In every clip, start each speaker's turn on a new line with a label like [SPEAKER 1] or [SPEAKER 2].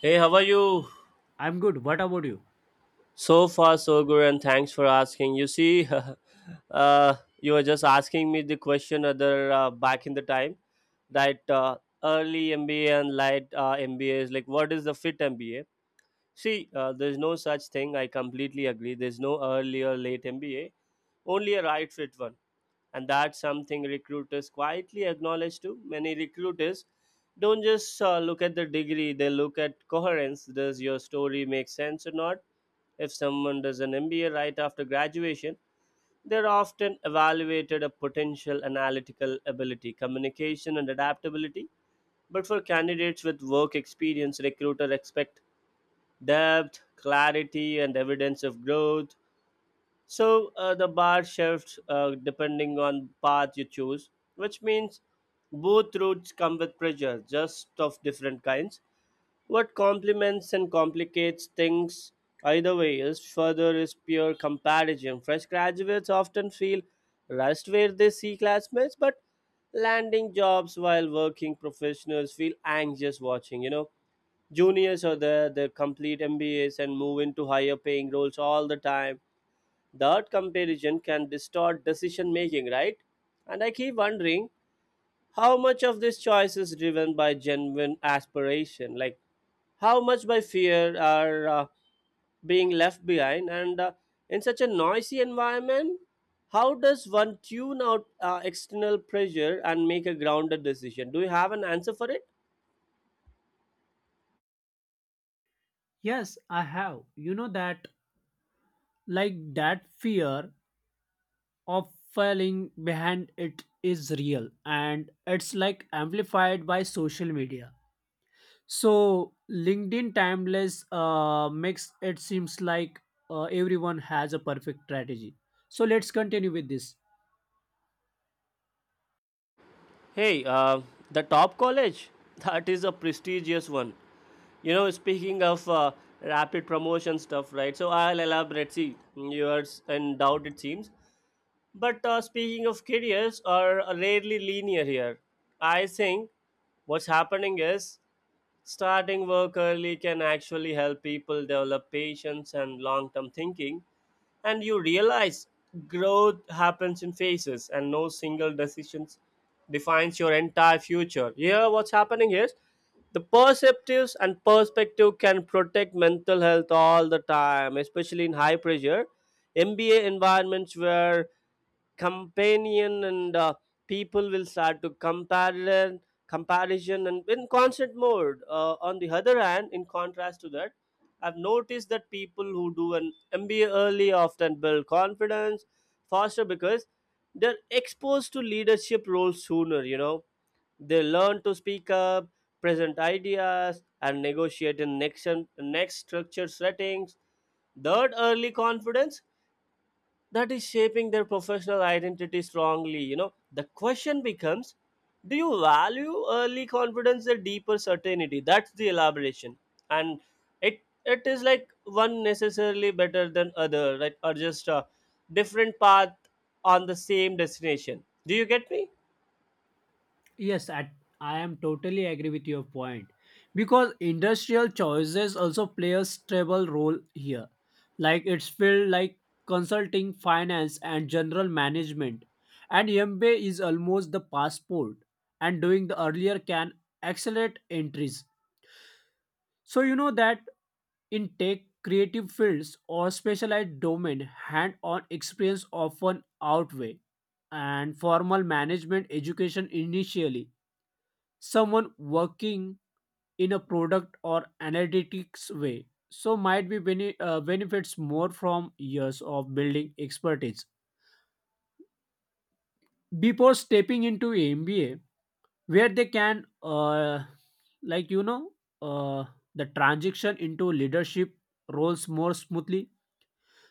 [SPEAKER 1] Hey, how are you?
[SPEAKER 2] I'm good. What about you?
[SPEAKER 1] So far, so good, and thanks for asking. You see, uh, you were just asking me the question other back in the time that early MBA and light MBA is like, what is the fit MBA? See, there's no such thing. I completely agree. There's no early or late MBA, only a right fit one. And that's something recruiters quietly acknowledge too. Many recruiters don't just look at the degree, they look at coherence. Does your story make sense or not? If someone does an MBA right after graduation, they're often evaluated a potential analytical ability, communication, and adaptability. But for candidates with work experience, recruiter expect depth, clarity, and evidence of growth. So the bar shifts depending on path you choose, which means both routes come with pressure, just of different kinds. What complements and complicates things either way is further is pure comparison. Fresh graduates often feel rushed where they see classmates, but landing jobs while working professionals feel anxious watching. You know, juniors are there, they complete MBAs and move into higher paying roles all the time. That comparison can distort decision making, right? And I keep wondering how much of this choice is driven by genuine aspiration? Like, how much by fear are being left behind? And in such a noisy environment, how does one tune out external pressure and make a grounded decision? Do you have an answer for it?
[SPEAKER 2] Yes, I have. You know that, like, that fear of falling behind it is real and it's like amplified by social media. So, LinkedIn Timeless makes it seems like everyone has a perfect strategy. So, let's continue with this.
[SPEAKER 1] Hey, the top college, that is a prestigious one. You know, speaking of rapid promotion stuff, right? So I'll elaborate. See, yours in doubt, it seems. But speaking of careers, are rarely linear here. I think what's happening is starting work early can actually help people develop patience and long term thinking. And you realize growth happens in phases, and no single decisions defines your entire future. Here, what's happening is the perceptives and perspective can protect mental health all the time, especially in high pressure MBA environments where companion and people will start to comparison and in constant mode on the other hand, in contrast to that, I've noticed that people who do an MBA early often build confidence faster because they're exposed to leadership roles sooner. You know, they learn to speak up, present ideas, and negotiate in next structured settings. Third, early confidence that is shaping their professional identity strongly. You know, the question becomes do you value early confidence or deeper certainty? That's the elaboration. And it is like one necessarily better than other, right? Or just a different path on the same destination. Do you get me?
[SPEAKER 2] Yes, I am totally agree with your point because industrial choices also play a stable role here. Like it's field like consulting, finance, and general management, and MBA is almost the passport, and doing the earlier can accelerate entries. So you know that in tech, creative fields or specialized domain, hand-on experience often outweigh and formal management education initially someone working in a product or analytics way so might be benefits more from years of building expertise before stepping into mba where they can like uh, the transition into leadership roles more smoothly.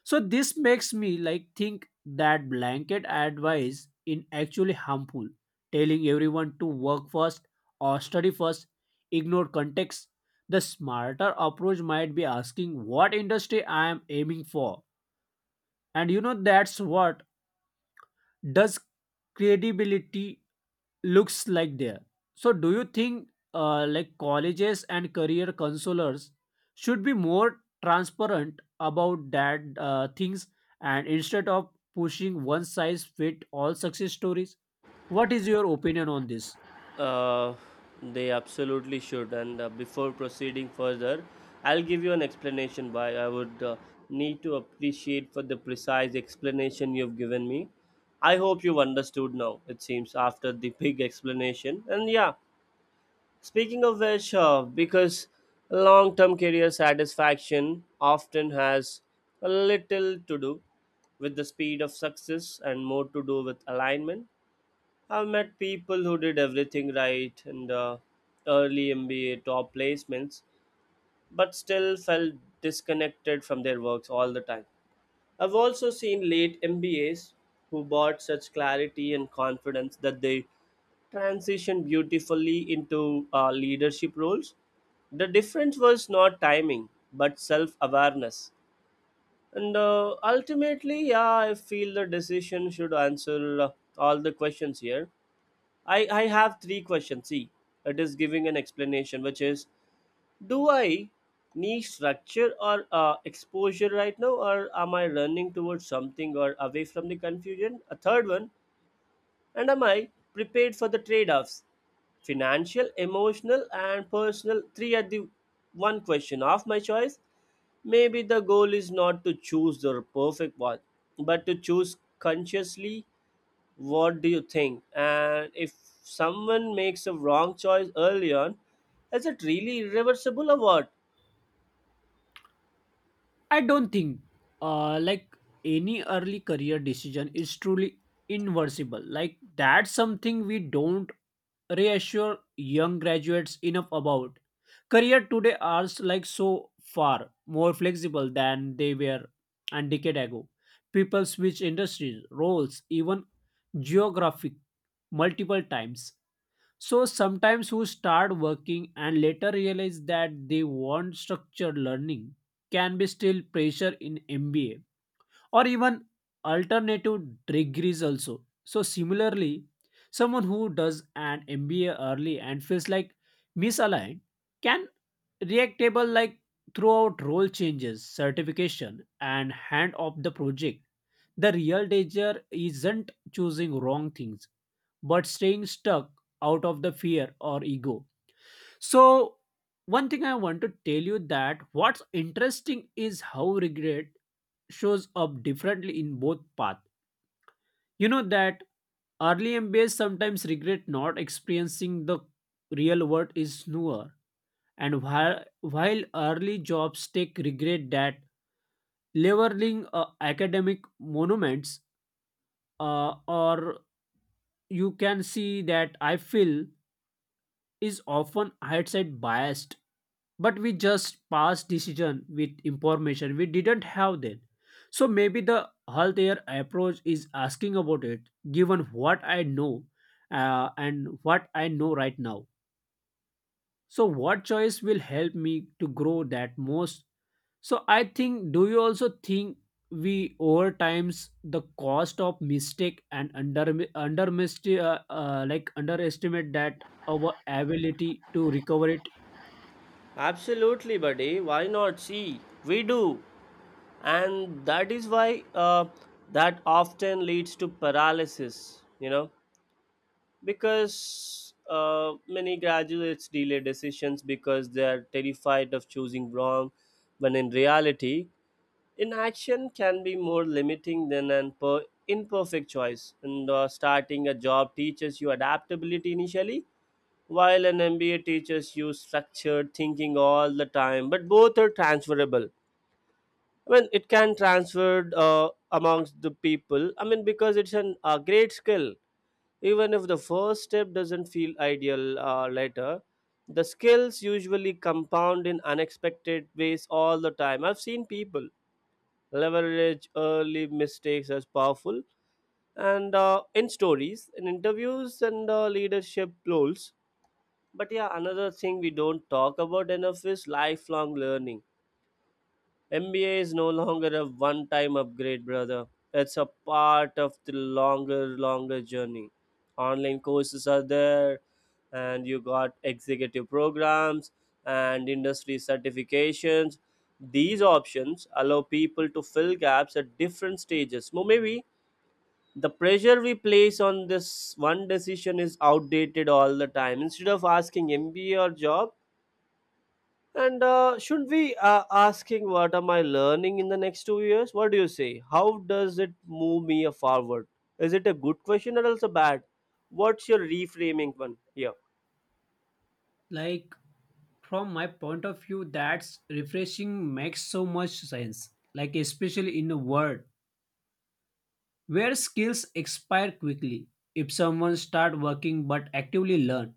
[SPEAKER 2] So this makes me like think that blanket advice in actually harmful. Telling everyone to work first or study first, ignore context. The smarter approach might be asking what industry I am aiming for. And you know that's what does credibility looks like there. So do you think like colleges and career counselors should be more transparent about that things, and instead of pushing one size fit all success stories, what is your opinion on this?
[SPEAKER 1] Uh, they absolutely should. And before proceeding further, I'll give you an explanation why I would need to appreciate for the precise explanation you've given me. I hope you've understood now, it seems, after the big explanation. And yeah, speaking of which, because long term career satisfaction often has a little to do with the speed of success and more to do with alignment. I've met people who did everything right and early MBA top placements, but still felt disconnected from their works all the time. I've also seen late MBAs who brought such clarity and confidence that they transitioned beautifully into leadership roles. The difference was not timing, but self awareness. And ultimately, yeah, I feel the decision should answer all the questions here. I have three questions. See, it is giving an explanation, which is do I need structure or exposure right now, or am I running towards something or away from the confusion? A third one, and am I prepared for the trade offs? Financial, emotional, and personal. Three are the one question of my choice. Maybe the goal is not to choose the perfect one, but to choose consciously. What do you think? And if someone makes a wrong choice early on, is it really irreversible or what?
[SPEAKER 2] I don't think like any early career decision is truly inversible. Like that's something we don't reassure young graduates enough about. Career today are like so far more flexible than they were a decade ago. People switch industries, roles, even geographic multiple times. So sometimes who start working and later realize that they want structured learning can be still pressure in MBA or even alternative degrees also. So similarly, someone who does an MBA early and feels like misaligned can reactable like throughout role changes, certification, and hand off the project. The real danger isn't choosing wrong things, but staying stuck out of the fear or ego. So one thing I want to tell you that what's interesting is how regret shows up differently in both paths. You know that early MBAs sometimes regret not experiencing the real world is newer, and while early jobs take regret that leveling academic monuments, or you can see that I feel is often hindsight biased, but we just pass decision with information we didn't have then. So maybe the healthier approach is asking about it, given what I know and what I know right now. So what choice will help me to grow that most? So I think do you also think we over times the cost of mistake and under under like underestimate that our ability to recover it.
[SPEAKER 1] Absolutely, buddy, why not? See, we do, and that is why that often leads to paralysis. You know, because many graduates delay decisions because they are terrified of choosing wrong when in reality inaction can be more limiting than an imperfect choice. And starting a job teaches you adaptability initially, while an MBA teaches you structured thinking all the time. But both are transferable. I mean, it can transfer amongst the people. I mean, because it's an, a great skill. Even if the first step doesn't feel ideal later, the skills usually compound in unexpected ways all the time. I've seen people leverage early mistakes as powerful and in stories in interviews and leadership roles. But yeah, another thing we don't talk about enough is lifelong learning. MBA is no longer a one time upgrade, brother. It's a part of the longer journey. Online courses are there, and you got executive programs and industry certifications. These options allow people to fill gaps at different stages. Maybe the pressure we place on this one decision is outdated all the time. Instead of asking MBA or job, and should we asking what am I learning in the next 2 years? What do you say? How does it move me forward? Is it a good question or else a bad? What's your reframing one here?
[SPEAKER 2] Like from my point of view, that's refreshing, makes so much sense, like especially in a world where skills expire quickly. If someone start working but actively learn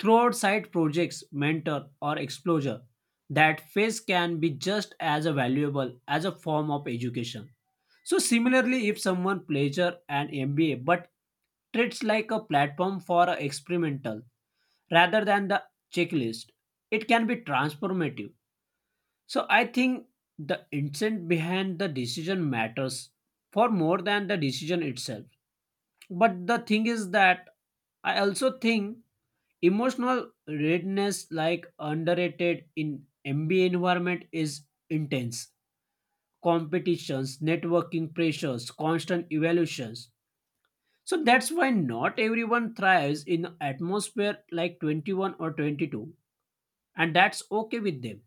[SPEAKER 2] throughout side projects mentor or exposure, that phase can be just as valuable as a form of education. So similarly, if someone pleasure an mba but treats like a platform for a experimental rather than the checklist, it can be transformative. So I think the intent behind the decision matters for more than the decision itself. But the thing is that I also think emotional readiness like underrated in MBA environment is intense. Competitions, networking pressures, constant evaluations. So that's why not everyone thrives in atmosphere like 21 or 22, and that's okay with them.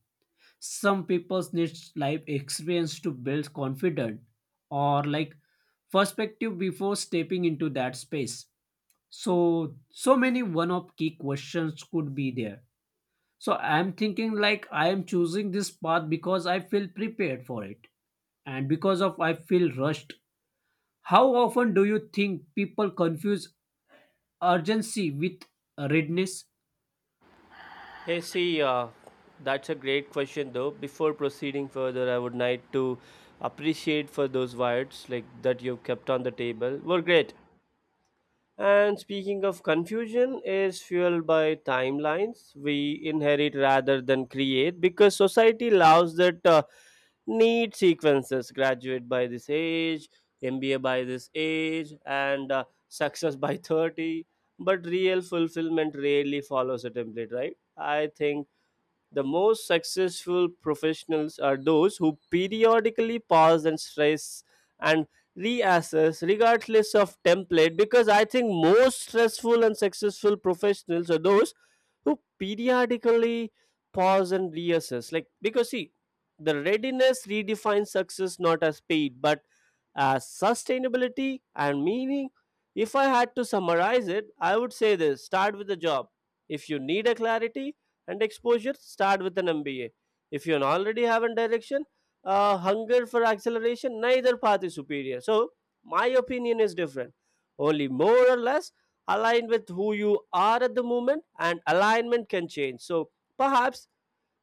[SPEAKER 2] Some people need life experience to build confidence, or like perspective, before stepping into that space. So so many one of key questions could be there. So I'm thinking like I am choosing this path because I feel prepared for it and because of I feel rushed. How often do you think people confuse urgency with readiness?
[SPEAKER 1] Hey, see, that's a great question though. Before proceeding further, I would like to appreciate for those words like that you've kept on the table. Were great. And speaking of confusion, is fueled by timelines we inherit rather than create because society allows that need sequences graduate by this age, MBA by this age, and success by 30. But real fulfillment rarely follows a template, right? I think the most successful professionals are those who periodically pause and stress and reassess regardless of template, because I think most stressful and successful professionals are those who periodically pause and reassess. Like, because see, the readiness redefines success not as speed but as sustainability and meaning. If I had to summarize it, I would say this: start with the job. If you need a clarity and exposure, start with an MBA. If you already have a direction, hunger for acceleration, neither path is superior. So, my opinion is different. Only more or less aligned with who you are at the moment, and alignment can change. So, perhaps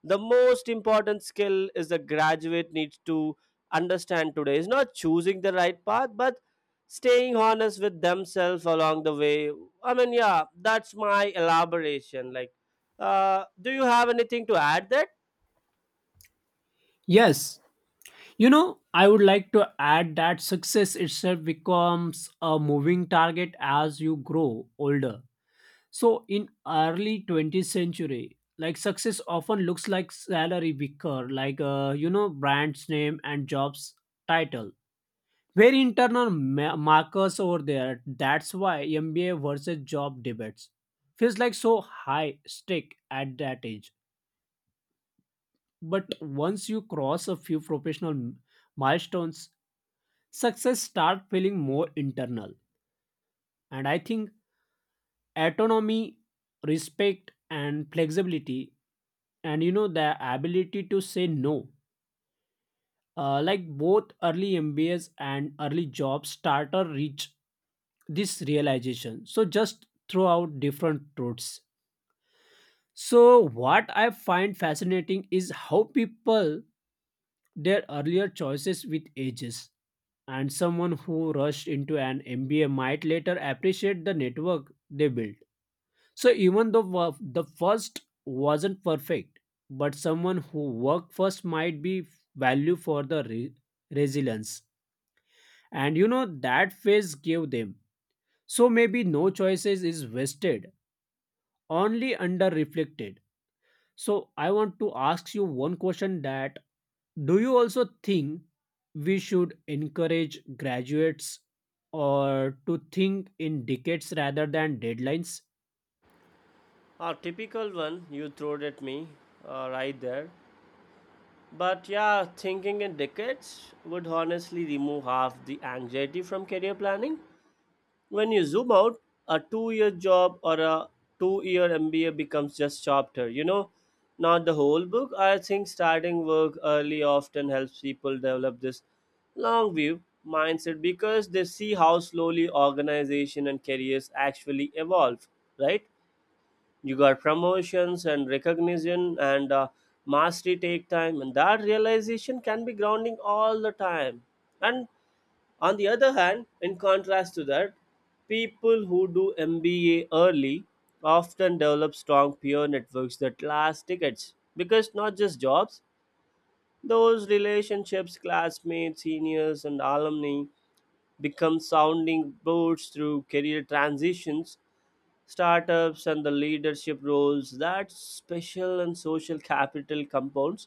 [SPEAKER 1] the most important skill is the graduate needs to understand today is not choosing the right path but staying honest with themselves along the way. I mean, yeah, that's my elaboration. Like, do you have anything to add that?
[SPEAKER 2] Yes, you know, I would like to add that success itself becomes a moving target as you grow older. So in early 20th century, like success often looks like salary wicker, like you know, brand's name and job's title. Very internal markers over there. That's why MBA versus job debates feels like so high stake at that age. But once you cross a few professional milestones, success start feeling more internal. And I think autonomy, respect and flexibility, and you know the ability to say no, like both early mbas and early job starter reach this realization, so just throughout different routes. So what I find fascinating is how people their earlier choices with ages, and someone who rushed into an mba might later appreciate the network they built. So even though the first wasn't perfect, but someone who worked first might be value for the resilience. And you know that phase gave them. So maybe no choices is wasted, only under reflected. So I want to ask you one question that do you also think we should encourage graduates or to think in decades rather than deadlines?
[SPEAKER 1] A typical one you throwed at me right there. But yeah, thinking in decades would honestly remove half the anxiety from career planning. When you zoom out, a 2 year job or a 2 year MBA becomes just chapter, you know, not the whole book. I think starting work early often helps people develop this long view mindset because they see how slowly organization and careers actually evolve, right? You got promotions and recognition and mastery take time, and that realization can be grounding all the time. And on the other hand, in contrast to that, people who do MBA early often develop strong peer networks that last decades because not just jobs, those relationships, classmates, seniors, and alumni become sounding boards through career transitions, startups, and the leadership roles. That special and social capital compounds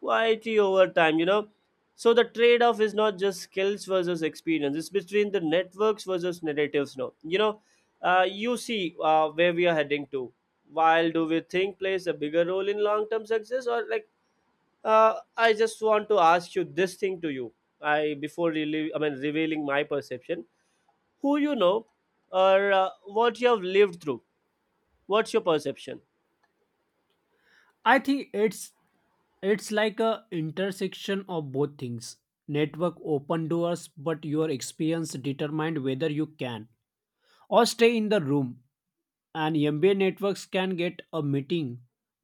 [SPEAKER 1] quietly over time, you know. So the trade-off is not just skills versus experience, it's between the networks versus narratives now, you know. You see where we are heading to. While do we think plays a bigger role in long-term success, or like, I just want to ask you this thing to you. I before really, I mean revealing my perception, who you know or what you have lived through. What's your perception?
[SPEAKER 2] I think it's like a intersection of both things. Network open doors, but your experience determined whether you can or stay in the room. And MBA networks can get a meeting,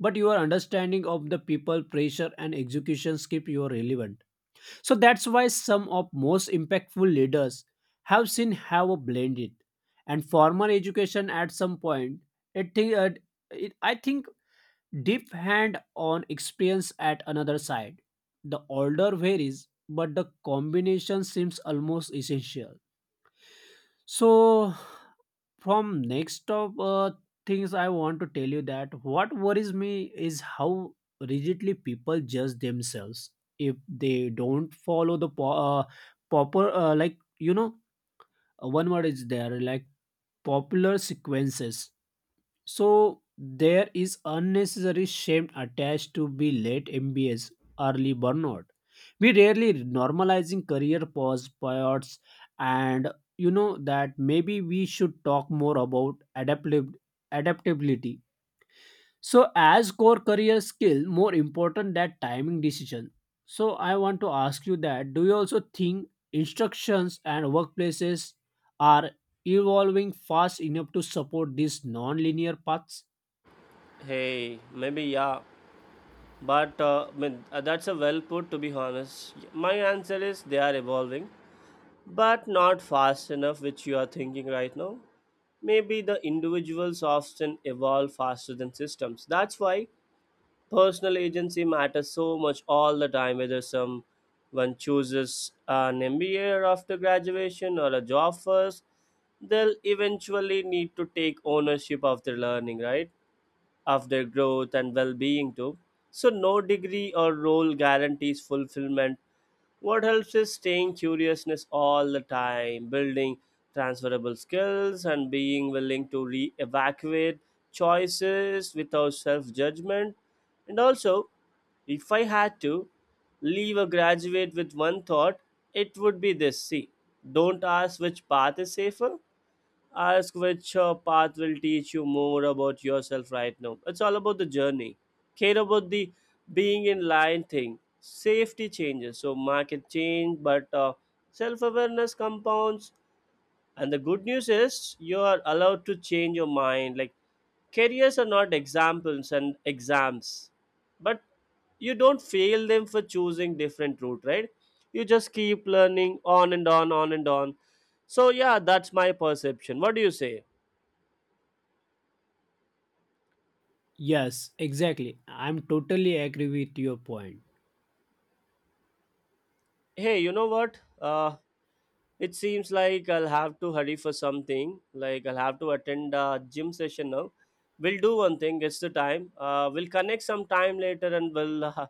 [SPEAKER 2] but your understanding of the people, pressure, and executions keep you relevant. So that's why some of most impactful leaders have seen have a blended and formal education at some point. It, thi- uh, I think deep hand on experience at another side. The order varies, but the combination seems almost essential. So, from next of things, I want to tell you that what worries me is how rigidly people judge themselves if they don't follow the proper, like you know, one word is there like popular sequences. So there is unnecessary shame attached to be late MBS, early burnout. We rarely normalizing career pause periods, and you know that maybe we should talk more about adaptability. So as core career skill, more important that timing decision. So I want to ask you that do you also think instructions and workplaces are evolving fast enough to support these non-linear paths?
[SPEAKER 1] Hey, maybe yeah, but I mean, that's a well put to be honest. My answer is they are evolving, but not fast enough, which you are thinking right now. Maybe the individuals often evolve faster than systems. That's why personal agency matters so much all the time, whether someone chooses an MBA after graduation or a job first, they'll eventually need to take ownership of their learning, right? Of their growth and well being, too. So, no degree or role guarantees fulfillment. What helps is staying curiousness all the time, building transferable skills, and being willing to re evaluate choices without self judgment. And also, if I had to leave a graduate with one thought, it would be this: see, don't ask which path is safer, ask which path will teach you more about yourself right now. It's all about the journey. Care about the being in line thing. Safety changes, so market change, but self awareness compounds, and the good news is you are allowed to change your mind. Like, careers are not examples and exams, but you don't fail them for choosing different route, right? You just keep learning on and on, on and on. So yeah, that's my perception. What do you say?
[SPEAKER 2] Yes, exactly. I'm totally agree with your point.
[SPEAKER 1] Hey, you know what? It seems like I'll have to hurry for something. Like I'll have to attend a gym session now. We'll do one thing. It's the time. We'll connect some time later and we'll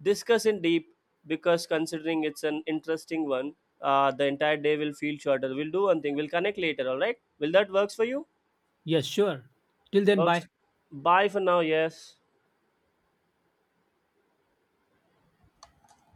[SPEAKER 1] discuss in deep because considering it's an interesting one, the entire day will feel shorter. We'll do one thing. We'll connect later. All right? Will that works for you?
[SPEAKER 2] Yes, sure. Till then, bye.
[SPEAKER 1] Works. Bye for now. Yes.